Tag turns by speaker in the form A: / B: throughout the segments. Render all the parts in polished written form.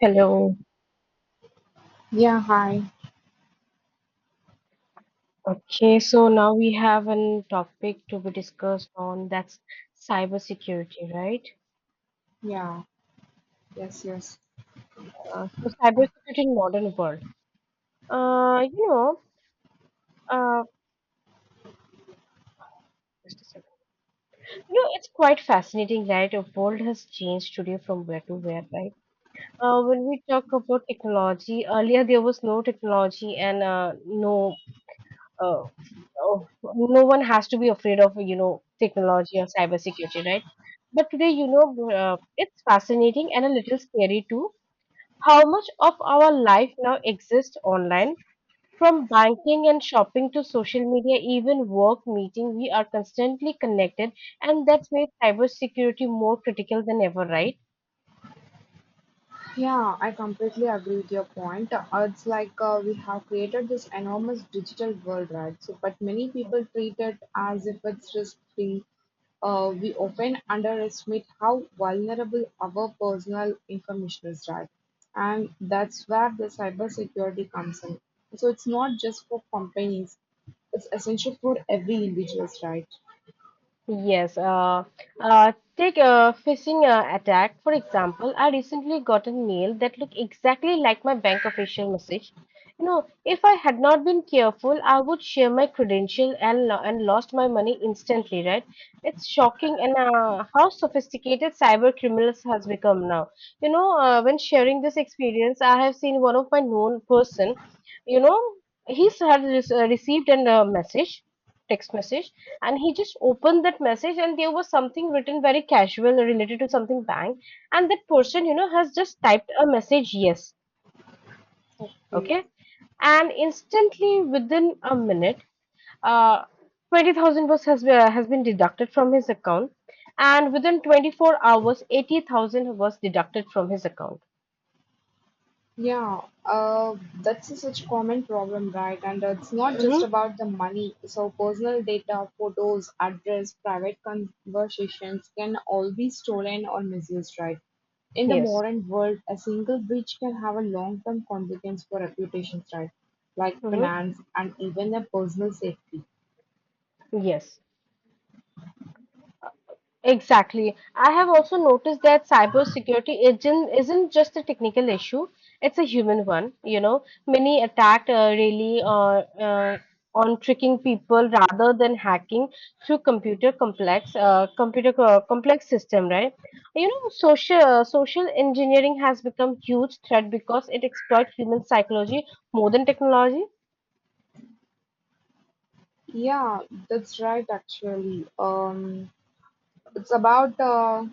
A: Hello.
B: Yeah, hi.
A: Okay, so now we have a topic to be discussed on, that's cybersecurity, right?
B: Yeah, yes.
A: So cybersecurity in modern world. Uh, you know, uh, just a second. You know, it's quite fascinating that the world has changed today from where to where, right? When we talk about technology, earlier there was no technology and uh, oh, no one has to be afraid of, you know, technology or cybersecurity, right? But today, you know, it's fascinating and a little scary too, how much of our life now exists online. From banking and shopping to social media, even work meeting, we are constantly connected, and that's made cybersecurity more critical than ever, right?
B: Yeah, I completely agree with your point. It's like we have created this enormous digital world, right? But many people treat it as if it's risk free. We often underestimate how vulnerable our personal information is, right? And that's where the cybersecurity comes in. So, it's not just for companies, it's essential for every individual, right?
A: Yes, take a phishing attack, for example. I recently got a mail that looked exactly like my bank official message. You know, if I had not been careful, I would share my credential and, and lost my money instantly, right? It's shocking and how sophisticated cyber criminals has become now. When sharing this experience, I have seen one of my known person, you know, he's had received a message, text message, and he just opened that message, and there was something written very casual related to something bank, and that person, you know, has just typed a message, yes,
B: Okay.
A: okay, and instantly within a minute, uh 20,000 was has been deducted from his account, and within 24 hours, 80,000 was deducted from his account.
B: Yeah, that's a such common problem, right? And it's not just
A: Mm-hmm.
B: about the money. So personal data, photos, address, private conversations can all be stolen or misused, right? In the
A: Yes.
B: modern world, a single breach can have a long-term consequence for reputations, right? Like
A: Mm-hmm.
B: finance and even a personal safety.
A: Yes. Exactly. I have also noticed that cybersecurity isn't just a technical issue, it's a human one. You know, many attack really uh, on tricking people rather than hacking through complex system, right? You know, social engineering has become huge threat because it exploits human psychology more than technology.
B: Yeah, that's right, actually. It's about uh,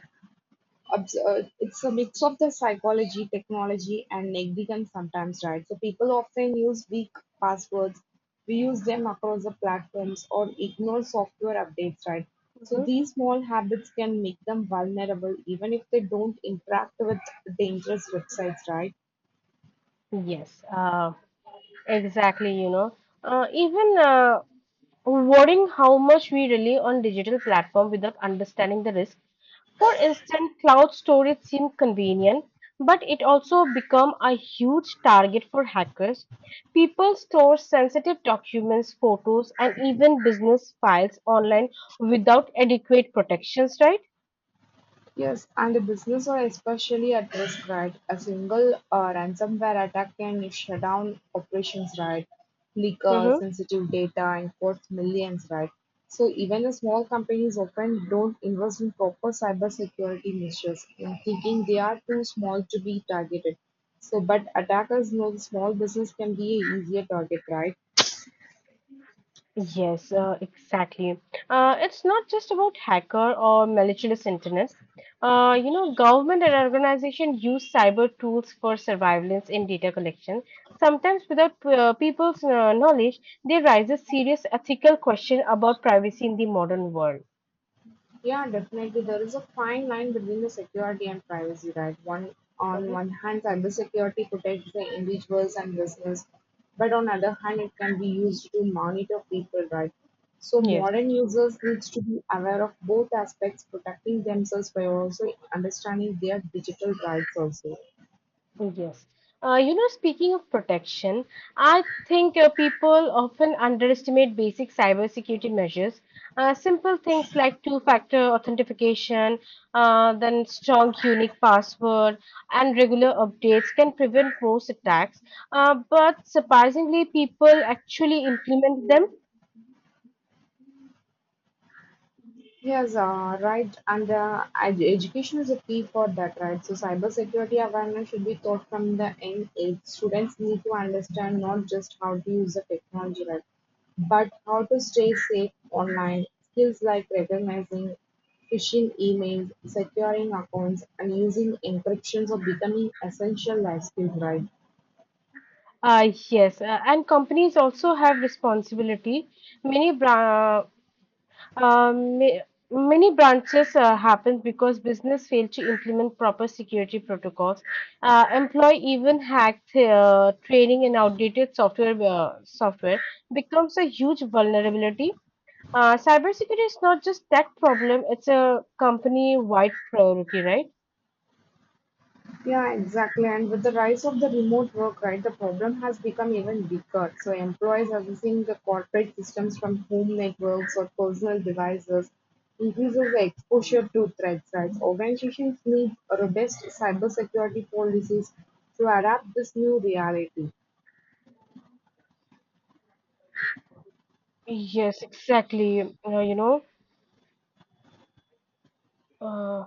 B: obs- uh, it's a mix of the psychology, technology, and negligence sometimes, right? So people often use weak passwords. We use them across the platforms or ignore software updates, right? So
A: Mhm.
B: these small habits can make them vulnerable even if they don't interact with dangerous websites, right?
A: Yes, uh, exactly. You know, even Worrying how much we rely on digital platform without understanding the risk. For instance, cloud storage seems convenient, but it also become a huge target for hackers. People store sensitive documents, photos, and even business files online without adequate protections, right?
B: Yes, and the business are especially at risk, right? A single ransomware attack can shut down operations, right? Leak
A: Mm-hmm.
B: sensitive data and cost millions, right? So even the small companies often don't invest in proper cybersecurity measures, in thinking they are too small to be targeted. But attackers know the small business can be an easier target, right?
A: Yes, exactly. It's not just about hacker or malicious internet. Government and organization use cyber tools for surveillance and data collection. Sometimes, without people's knowledge, there rises serious ethical question about privacy in the modern world.
B: Yeah, definitely. There is a fine line between the security and privacy, right? One on
A: Mhm.
B: one hand, cybersecurity protects the individuals and business, but on other hand, it can be used to monitor people, right? So
A: Yes.
B: modern users needs to be aware of both aspects, protecting themselves by also understanding their digital rights also.
A: Yes. You know, speaking of protection, I think people often underestimate basic cybersecurity measures. Simple things like two-factor authentication, then strong unique password, and regular updates can prevent most attacks. But surprisingly, people actually implement them.
B: Yes, right. And education is a key for that, right? So, cybersecurity awareness should be taught from the young age. Students need to understand not just how to use the technology, right, but how to stay safe online. Skills like recognizing phishing emails, securing accounts, and using encryptions are becoming essential life skills, right?
A: Yes, and companies also have responsibility. Many bra Um, ma- Many branches happen because business fail to implement proper security protocols. Employee even hacked training and outdated software becomes a huge vulnerability. Cybersecurity is not just that problem; it's a company-wide priority, right?
B: Yeah, exactly. And with the rise of the remote work, right, the problem has become even bigger. So employees are using the corporate systems from home networks or personal devices increases the exposure to threats, right? Organizations need robust cybersecurity policies to adapt this new reality.
A: Yes, exactly. Uh,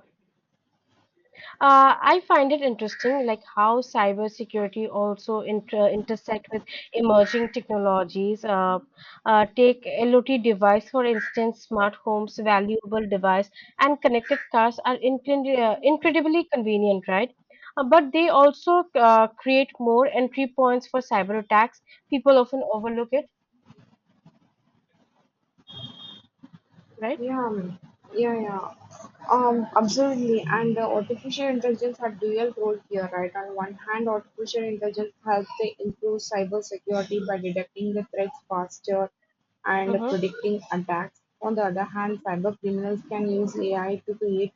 A: I find it interesting, like how cybersecurity also intersect with emerging technologies. Take IoT device, for instance, smart homes, valuable device, and connected cars are incredibly convenient, right? But they also create more entry points for cyber attacks. People often overlook it, right?
B: Yeah, um, yeah. Absolutely. And the artificial intelligence had dual role here, right? On one hand, artificial intelligence helps to improve cybersecurity by detecting the threats faster and
A: Mm-hmm.
B: predicting attacks. On the other hand, cyber criminals can use AI to create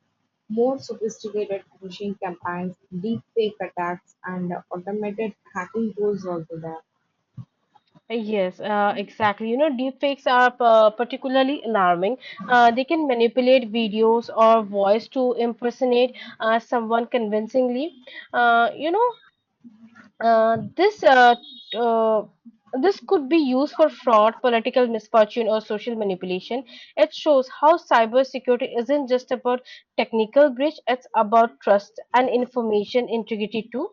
B: more sophisticated phishing campaigns, deep fake attacks, and automated hacking tools also there.
A: Yes, exactly. You know, deepfakes are particularly alarming. They can manipulate videos or voice to impersonate someone convincingly. Uh, you know, uh, this uh, uh, this could be used for fraud, political misfortune, or social manipulation. It shows how cybersecurity isn't just about technical breach; it's about trust and information integrity too.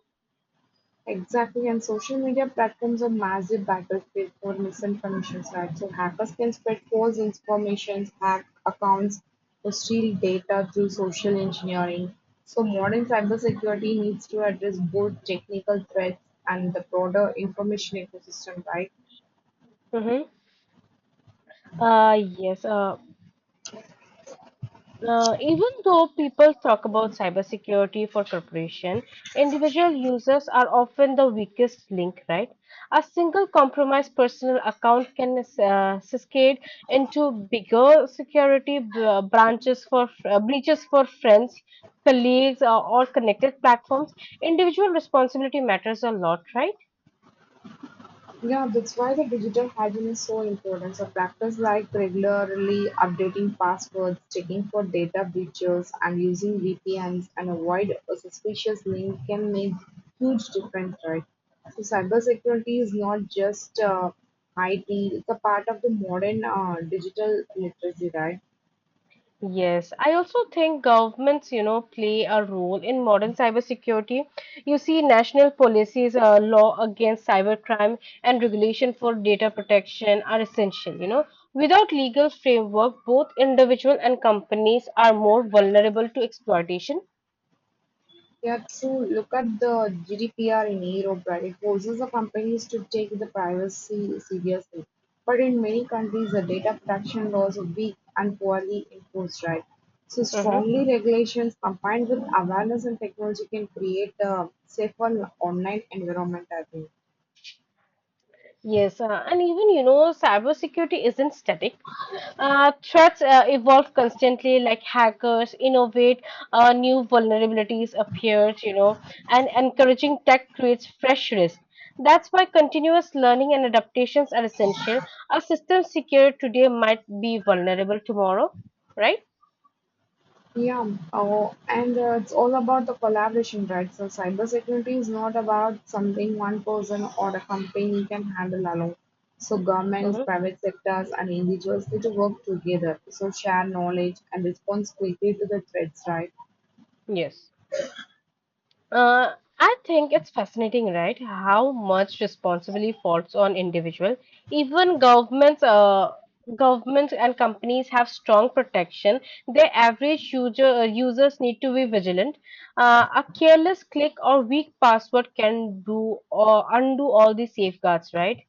B: Exactly, and social media platforms are massive battlefield for misinformation, right? So hackers can spread false information, hack accounts, to steal data through social engineering. So modern cybersecurity needs to address both technical threats and the broader information ecosystem, right?
A: Mm-hmm. Uh, yes. Uh, even though people talk about cybersecurity for corporation, individual users are often the weakest link, right? A single compromised personal account can cascade into bigger security b- branches for breaches for friends, colleagues, or connected platforms. Individual responsibility matters a lot, right?
B: Yeah, that's why the digital hygiene is so important. So practice like regularly updating passwords, checking for data breaches, and using VPNs and avoid a suspicious link can make huge difference, right? So cybersecurity is not just IT; it's a part of the modern digital literacy, right?
A: Yes, I also think governments, you know, play a role in modern cybersecurity. You see, national policies, law against cybercrime, and regulation for data protection are essential. You know, without legal framework, both individual and companies are more vulnerable to exploitation.
B: Yeah, true. Look at the GDPR in Europe, right? It forces the companies to take the privacy seriously. But in many countries, the data protection laws are weak and poorly enforced, right? So,
A: Mm-hmm.
B: strongly regulations combined with awareness and technology can create a safer online environment, I think.
A: Yes, and even, you know, cybersecurity isn't static. Threats evolve constantly, like hackers innovate, new vulnerabilities appear, you know, and encouraging tech creates fresh risk. That's why continuous learning and adaptations are essential. A system secure today might be vulnerable tomorrow, right?
B: Yeah, oh, and it's all about the collaboration, right? So cybersecurity is not about something one person or a company can handle alone. So governments,
A: Mm-hmm.
B: private sectors, and individuals need to work together. So share knowledge and respond quickly to the threats, right?
A: Yes. I think it's fascinating, right? How much responsibility falls on individual. Even governments, governments and companies have strong protection. Their average users need to be vigilant. A careless click or weak password can do or undo all these safeguards, right?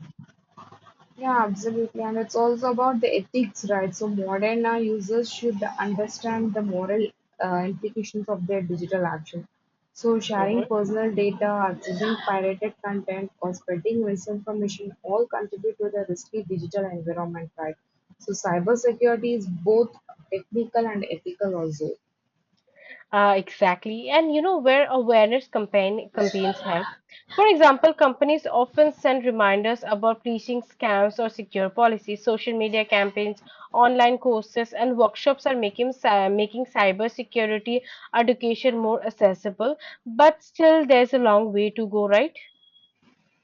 B: Yeah, absolutely. And it's also about the ethics, right? So modern users should understand the moral implications of their digital action. So sharing personal data, accessing pirated content, or spreading misinformation all contribute to the risky digital environment, right? So cybersecurity is both technical and ethical also.
A: Exactly. And you know where awareness campaigns help. For example, companies often send reminders about phishing scams or secure policies. Social media campaigns, online courses, and workshops are making cybersecurity education more accessible. But still, there's a long way to go, right?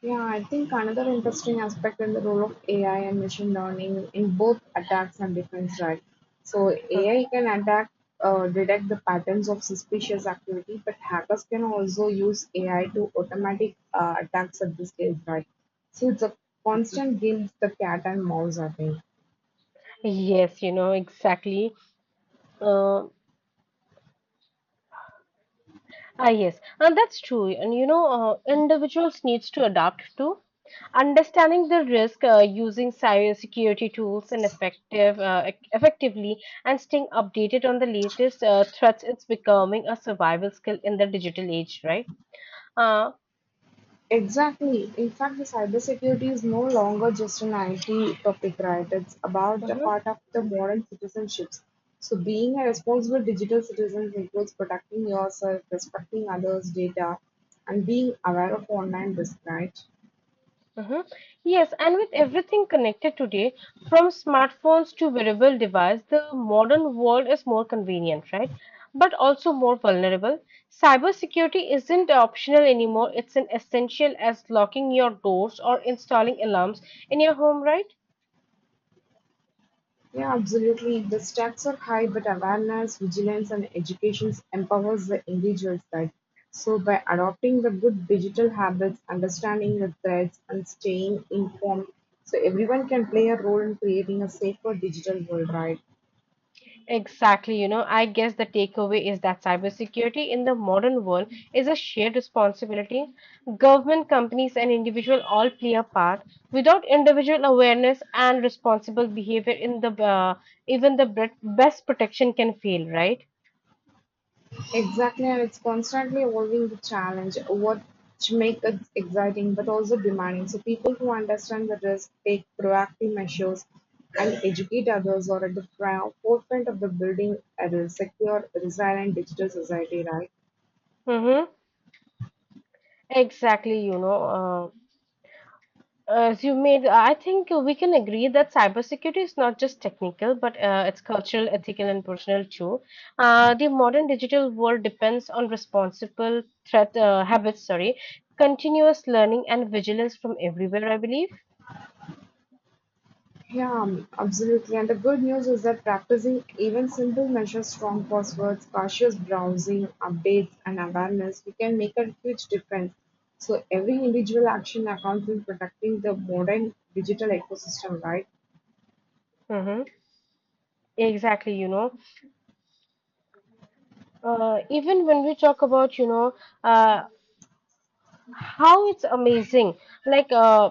B: Yeah, I think another interesting aspect in the role of AI and machine learning in both attacks and defense, right? So
A: Mhm.
B: AI can attack, detect the patterns of suspicious activity, but hackers can also use AI to automatic attacks at this stage, right? So it's a constant game, with the cat and mouse, I think.
A: Yes, you know, exactly. Uh, yes, and that's true. And you know, individuals needs to adapt too. Understanding the risk, using cybersecurity tools effectively, and staying updated on the latest threats, it's becoming a survival skill in the digital age, right? Uh,
B: Exactly. In fact, the cybersecurity is no longer just an IT topic, right? It's about a
A: mhm,
B: part of the modern citizenships. So, being a responsible digital citizen includes protecting yourself, respecting others' data, and being aware of online risk, right?
A: mhm. Yes, and with everything connected today, from smartphones to wearable device, the modern world is more convenient, right? But also more vulnerable. Cybersecurity isn't optional anymore; it's an essential as locking your doors or installing alarms in your home, right?
B: Yeah, absolutely. The stakes are high, but awareness, vigilance, and education empowers the individuals. That so by adopting the good digital habits, understanding the threats, and staying informed, so everyone can play a role in creating a safer digital world, right?
A: Exactly, you know, I guess the takeaway is that cybersecurity in the modern world is a shared responsibility. Government, companies, and individual all play a part. Without individual awareness and responsible behavior, in the even the bre- best protection can fail, right?
B: Exactly, and it's constantly evolving the challenge, what makes it exciting but also demanding. So people who understand the risk take proactive measures and educate others are at the forefront of the building a secure, resilient digital society, right?
A: Mm-hmm. Exactly, you know. As you made, I think we can agree that cybersecurity is not just technical, but it's cultural, ethical, and personal too. The modern digital world depends on responsible threat habits, sorry, continuous learning and vigilance from everywhere, I believe.
B: Yeah, absolutely. And the good news is that practicing even simple measures, strong passwords, cautious browsing, updates, and awareness, we can make a huge difference. So every individual action accounts in protecting the modern digital ecosystem, right?
A: Mm-hmm. Exactly, you know. Even when we talk about, you know, uh, how it's amazing, like uh,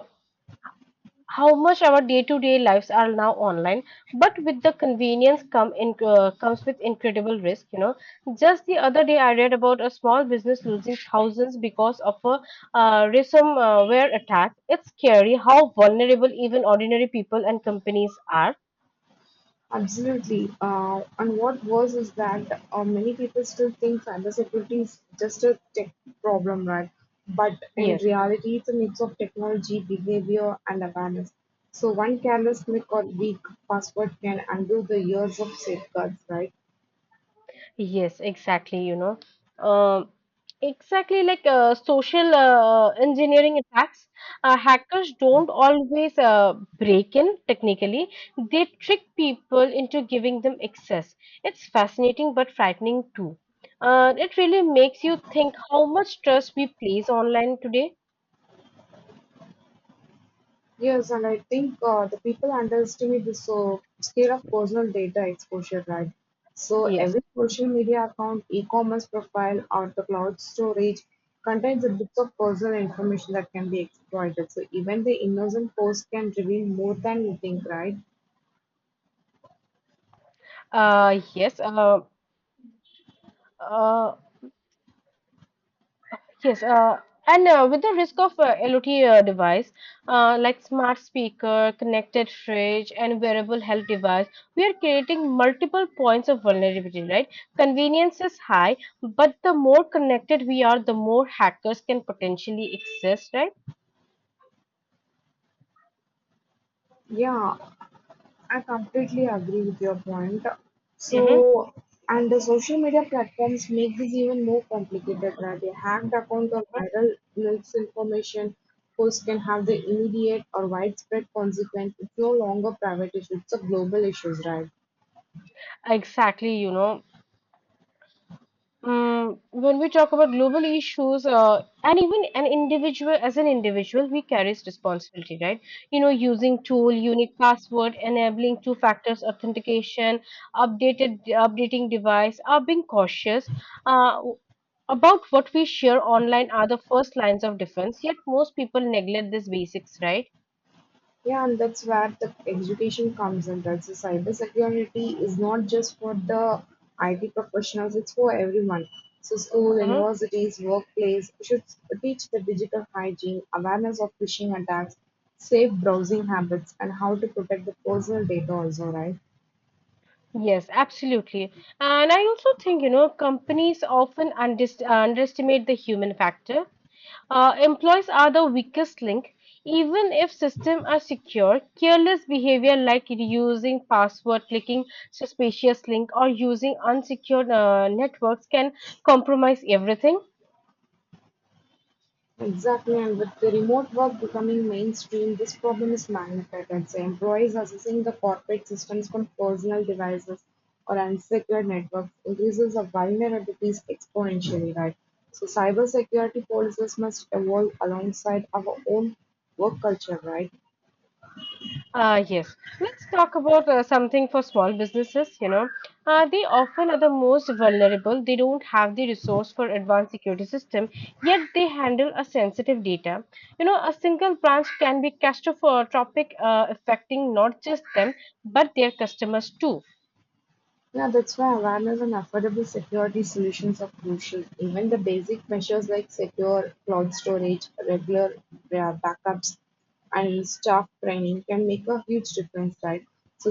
A: how much our day-to-day lives are now online, but with the convenience comes with incredible risk, you know. Just the other day I read about a small business losing thousands because of a ransomware attack. It's scary how vulnerable even ordinary people and companies are.
B: Absolutely. And what worse is that many people still think cybersecurity is just a tech problem, right? But in
A: Yes.
B: reality, it's a mix of technology, behavior, and awareness. So one careless click or weak password can undo the years of safeguards, right?
A: Yes, exactly, you know. Um, exactly like social engineering attacks, hackers don't always break in technically. They trick people into giving them access. It's fascinating but frightening too. It really makes you think how much trust we place online today.
B: Yes, and I think the people underestimate the so scale of personal data exposure, right? So
A: Yes.
B: every social media account, e-commerce profile, or the cloud storage contains a bit of personal information that can be exploited. So even the innocent post can reveal more than you think, right?
A: Yes. Uh, Yes, and with the risk of IoT device, like smart speaker, connected fridge, and wearable health device, we are creating multiple points of vulnerability, right? Convenience is high, but the more connected we are, the more hackers can potentially exist, right?
B: Yeah, I completely agree with your point.
A: Mm-hmm.
B: So, and the social media platforms make this even more complicated, right? A hacked account or viral misinformation post can have the immediate or widespread consequence. It's no longer private issue, it's a global issue, right?
A: Exactly, you know. Mm, when we talk about global issues, and even an individual, as an individual, we carries responsibility, right? You know, using tool, unique password, enabling two factors authentication, updated updating device, are being cautious. Uh, about what we share online are the first lines of defense. Yet most people neglect these basics, right?
B: Yeah, and that's where the education comes in, right? So cybersecurity is not just for the IT professionals, it's for everyone. So school,
A: Mhm.
B: universities, workplace should teach the digital hygiene, awareness of phishing attacks, safe browsing habits, and how to protect the personal data also, right?
A: Yes, absolutely. And I also think, you know, companies often underst underestimate the human factor. Employees are the weakest link. Even if systems are secure, careless behavior like reusing password, clicking suspicious link, or using unsecured networks can compromise everything.
B: Exactly, and with the remote work becoming mainstream, this problem is magnified. I'd say employees accessing the corporate systems from personal devices or unsecured networks increases the vulnerabilities exponentially, right? So cybersecurity policies must evolve alongside our own work culture, right?
A: Yes, let's talk about something for small businesses. You know, they often are the most vulnerable. They don't have the resource for advanced security system, yet they handle a sensitive data. You know, a single branch can be catastrophic, affecting not just them but their customers too.
B: Yeah, that's why awareness and affordable security solutions are crucial. Even the basic measures like secure cloud storage, regular backups, and staff training can make a huge difference, right? So,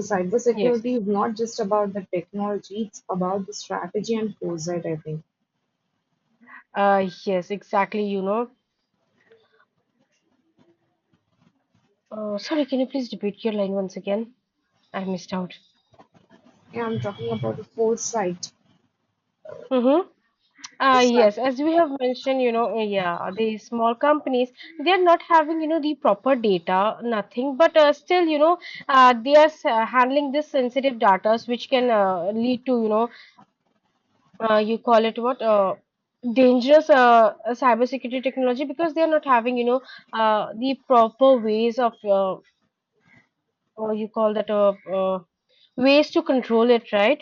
A: Yes.
B: cybersecurity is not just about the technology, it's about the strategy and foresight, I think.
A: Yes, exactly. You know. Sorry, can you please repeat your line once again? I missed out.
B: Yeah, I'm talking about the foresight.
A: Mm-hmm. Uh,
B: So
A: yes, as we have mentioned, you know, yeah, the small companies, they are not having, you know, the proper data, nothing, but still, you know, they are handling this sensitive data, which can lead to, you know, you call it what, dangerous cybersecurity technology because they are not having, you know, the proper ways of, or you call that, ways to control it, right?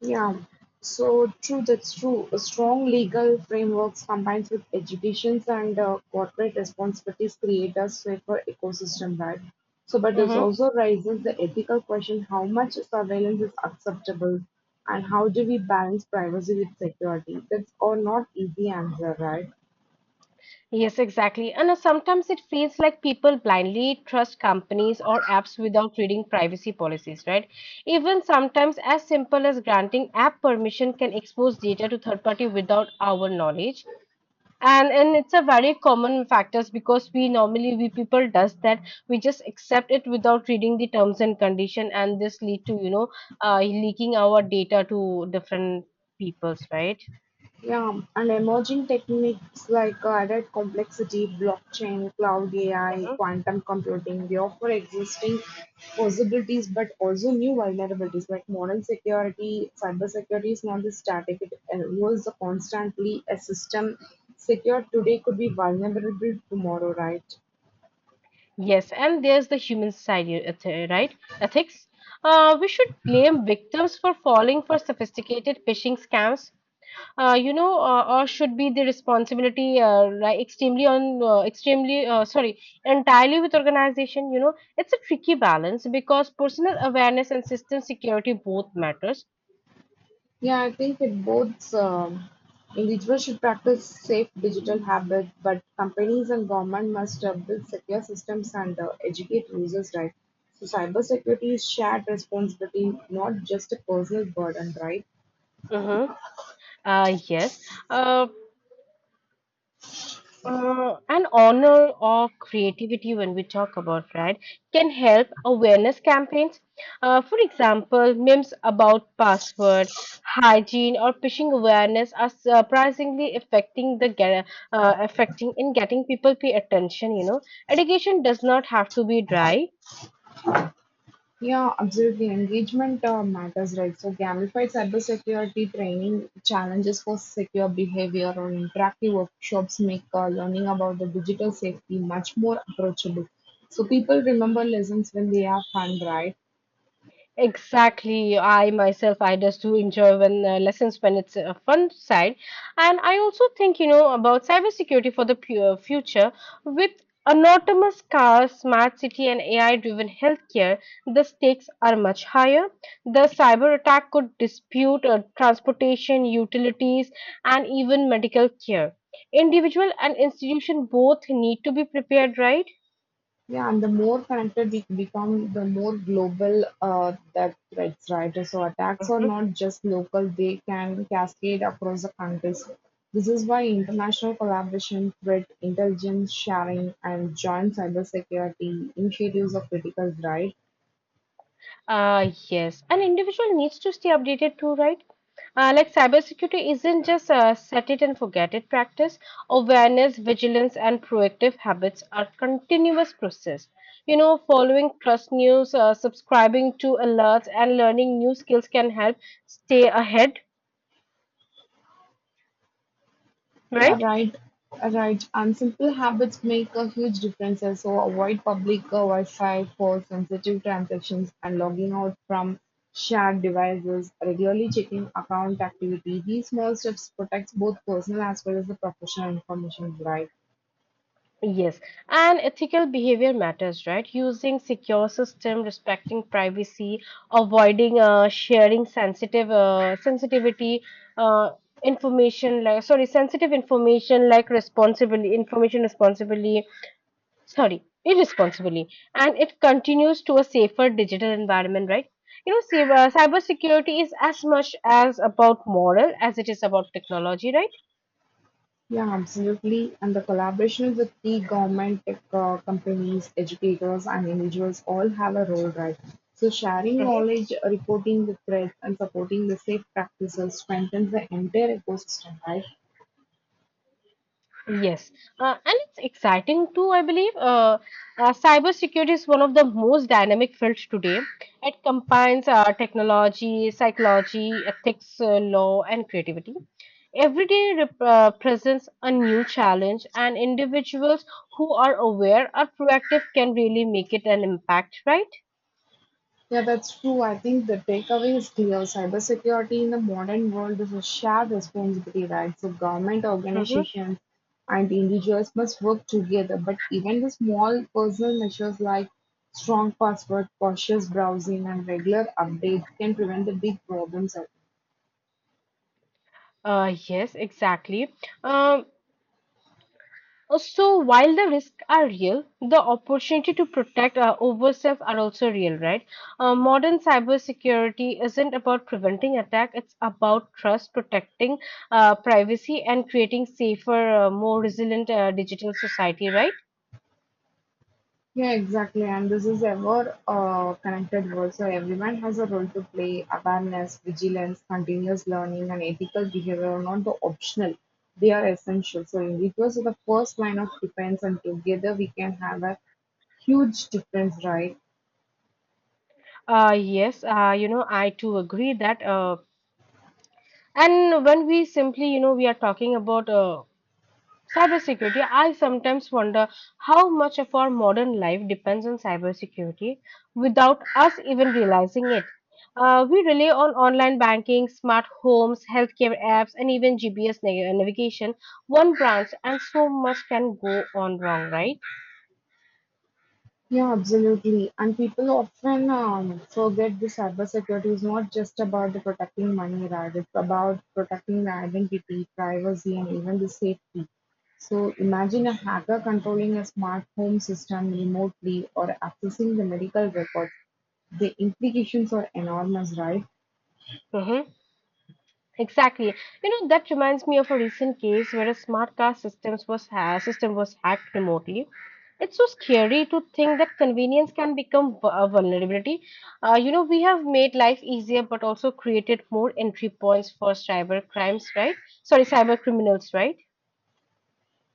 B: yeah, so true, that's true. A strong legal frameworks combined with educations and corporate responsibilities create a safer ecosystem, right? So, but this
A: Mm-hmm.
B: also raises the ethical question how much surveillance is acceptable and how do we balance privacy with security? That's all not easy answer, right?
A: Yes, exactly. And sometimes it feels like people blindly trust companies or apps without reading privacy policies, right? Even sometimes as simple as granting app permission can expose data to third party without our knowledge. And it's a very common factors because we normally we people does that. We just accept it without reading the terms and condition, and this lead to leaking our data to different peoples, right?
B: Yeah, and emerging techniques like added complexity, blockchain, cloud AI, quantum computing, they offer existing possibilities but also new vulnerabilities like modern security, cyber security is not the static, it evolves constantly. A system secured today could be vulnerable tomorrow, right?
A: Yes, and there's the human side, right? Ethics. We should blame victims for falling for sophisticated phishing scams. Or should be the responsibility like extremely on extremely sorry entirely with organization. You know, it's a tricky balance because personal awareness and system security both matters.
B: Yeah, I think it both individuals should practice safe digital habits, but companies and government must build secure systems and educate users, right? So cybersecurity is shared responsibility, not just a personal burden, right?
A: Mm-hmm. Yes. Uh, an honor or creativity when we talk about right can help awareness campaigns, for example memes about password hygiene or phishing awareness are surprisingly affecting in getting people pay attention. Education does not have to be dry.
B: Yeah, absolutely. Engagement matters, right? So, gamified cybersecurity training challenges for secure behavior or interactive workshops make learning about the digital safety much more approachable. So, people remember lessons when they are fun, right?
A: Exactly. I myself, I just do enjoy when lessons when it's a fun side, and I also think, you know, about cybersecurity for the future with autonomous cars, smart city, and AI-driven healthcare. The stakes are much higher. The cyber attack could dispute transportation, utilities, and even medical care. Individual and institution both need to be prepared, right?
B: Yeah, and the more connected we become, the more global that threats, right? So attacks are not just local, they can cascade across the countries. This is why international collaboration, threat intelligence sharing, and joint cybersecurity initiatives are critical, right?
A: Yes, an individual needs to stay updated too, right? Like cybersecurity isn't just a set it and forget it practice. Awareness, vigilance, and proactive habits are continuous process. You know, following trust news, subscribing to alerts, and learning new skills can help stay ahead,
B: Yeah
A: right?
B: right, right. And simple habits make a huge difference. So avoid public Wi-Fi for sensitive transactions and logging out from shared devices. Regularly checking account activity. These small steps protects both personal as well as the professional information. Right.
A: Yes, and ethical behavior matters, right? Using secure system, respecting privacy, avoiding sharing sensitive sensitivity uh, information like sorry sensitive information responsibly sorry irresponsibly, and it continues to a safer digital environment, right? You know, cybersecurity is as much as about moral as it is about technology, right?
B: Yeah, absolutely. And the collaboration with the government, tech companies, educators, and individuals all have a role, right? So, sharing knowledge, reporting the threats, and supporting the safe practices strengthens the entire ecosystem, right?
A: Yes, and it's exciting too, I believe. Cybersecurity is one of the most dynamic fields today. It combines technology, psychology, ethics, law, and creativity. Every day presents a new challenge, and individuals who are aware or proactive can really make it an impact, right?
B: Yeah, that's true. I think the takeaway is clear. Cybersecurity in the modern world is a shared responsibility, right? So government
A: Mm-hmm.
B: organizations and individuals must work together. But even the small personal measures like strong password, cautious browsing, and regular updates can prevent the big problems.
A: Yes, exactly. Um, So while the risks are real, the opportunity to protect ourselves are also real, right? Modern cybersecurity isn't about preventing attack; it's about trust, protecting privacy, and creating safer, more resilient digital society, right?
B: Yeah, exactly. And this is a more connected world. So everyone has a role to play. Awareness, vigilance, continuous learning, and ethical behavior are not the optional. They are essential. So individuals are the first line of defense, and together we can have a huge difference, right?
A: Yes, you know, I too agree that. And when we simply, you know, we are talking about cybersecurity, I sometimes wonder how much of our modern life depends on cybersecurity without us even realizing it. We rely on online banking, smart homes, healthcare apps, and even GPS navigation, one branch, and so much can go on wrong, right?
B: Yeah, absolutely. And people often forget the cybersecurity is not just about the protecting money, right? It's about protecting the identity, privacy, and even the safety. So imagine a hacker controlling a smart home system remotely or accessing the medical records. The implications are enormous, right?
A: Mhm. Exactly. You know, that reminds me of a recent case where a smart car system was hacked remotely. It's so scary to think that convenience can become a vulnerability. You know, we have made life easier, but also created more entry points for cyber crimes, right? Sorry, cyber criminals, right?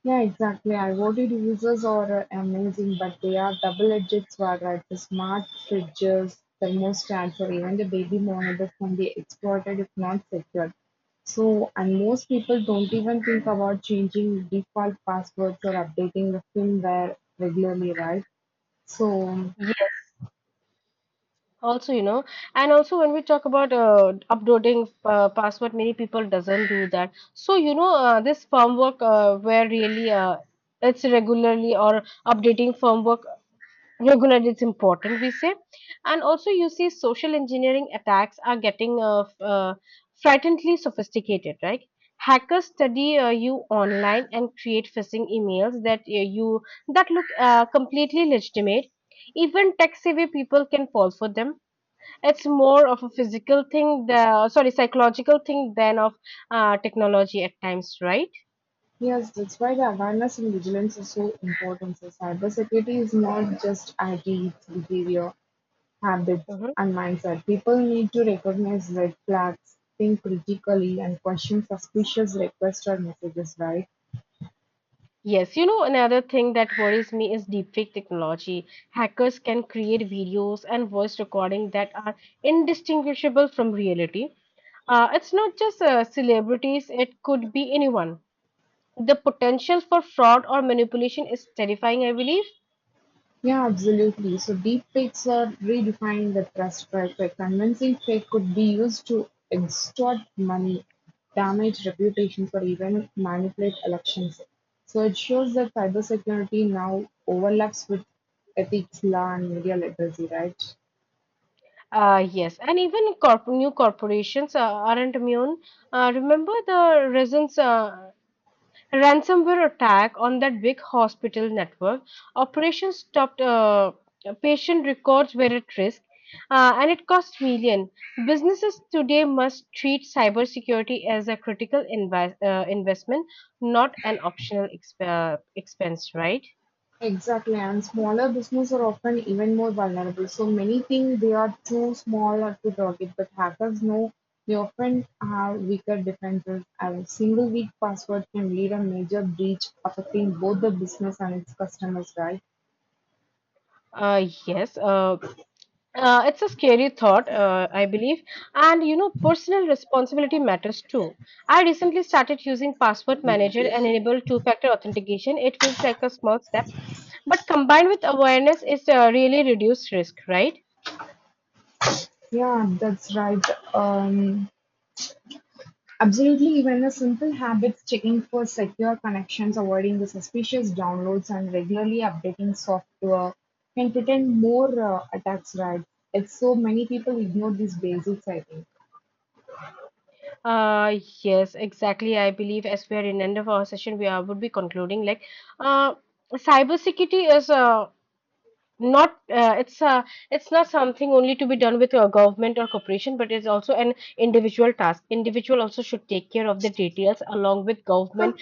B: Yeah, exactly. IoT devices are amazing, but they are double-edged sword, right? The smart fridges, thermostats, or even the baby monitors can be exploited if not secured. So, and most people don't even think about changing default passwords or updating the firmware regularly, right? So,
A: Also, you know, and also when we talk about uploading password, many people doesn't do that. So, you know, this firmware where really it's regularly or updating firmware regularly, it's important, we say. And also, you see, social engineering attacks are getting frighteningly sophisticated, right? Hackers study you online and create phishing emails that you that look completely legitimate. Even tech savvy people can fall for them. It's more of a physical thing, the sorry, psychological thing than of technology at times, right?
B: yes, that's why the awareness and vigilance is so important. So, cybersecurity is not just IT, it's behavior. Habits,
A: Hmm.
B: and mindset. People need to recognize red flags, think critically, and question suspicious requests or messages, right?
A: Yes, you know, another thing that worries me is deepfake technology. Hackers can create videos and voice recording that are indistinguishable from reality. It's not just celebrities, it could be anyone. The potential for fraud or manipulation is terrifying, I believe.
B: Yeah, absolutely. So deep fakes are redefining the trust factor. Convincing fake could be used to extort money, damage reputations, or even manipulate elections. So it shows that cybersecurity now overlaps with ethics, law, and media literacy, right?
A: Yes, and even corp new corporations aren't immune. Remember the recent ransomware attack on that big hospital network? Operations stopped. Patient records were at risk, and it cost million. Businesses today must treat cybersecurity as a critical invi investment, not an optional expense, right?
B: Exactly, and smaller businesses are often even more vulnerable. So many think they are too small or to target, but hackers know they often have weaker defenses. A single weak password can lead a major breach affecting both the business and its customers, right?
A: Yes. It's a scary thought, I believe. And you know, personal responsibility matters too. I recently started using Password Manager and enable two-factor authentication. It feels like a small step, but combined with awareness, it's really reduced risk, right?
B: Yeah, that's right. Um, absolutely, even a simple habits checking for secure connections, avoiding the suspicious downloads, and regularly updating software can prevent more attacks, right? Like so many people ignore these basics, I think.
A: Yes, exactly. I believe as we are in end of our session, we are, would be concluding like, uh, cybersecurity is not it's it's not something only to be done with a government or corporation, but it's also an individual task. Individual also should take care of the details along with government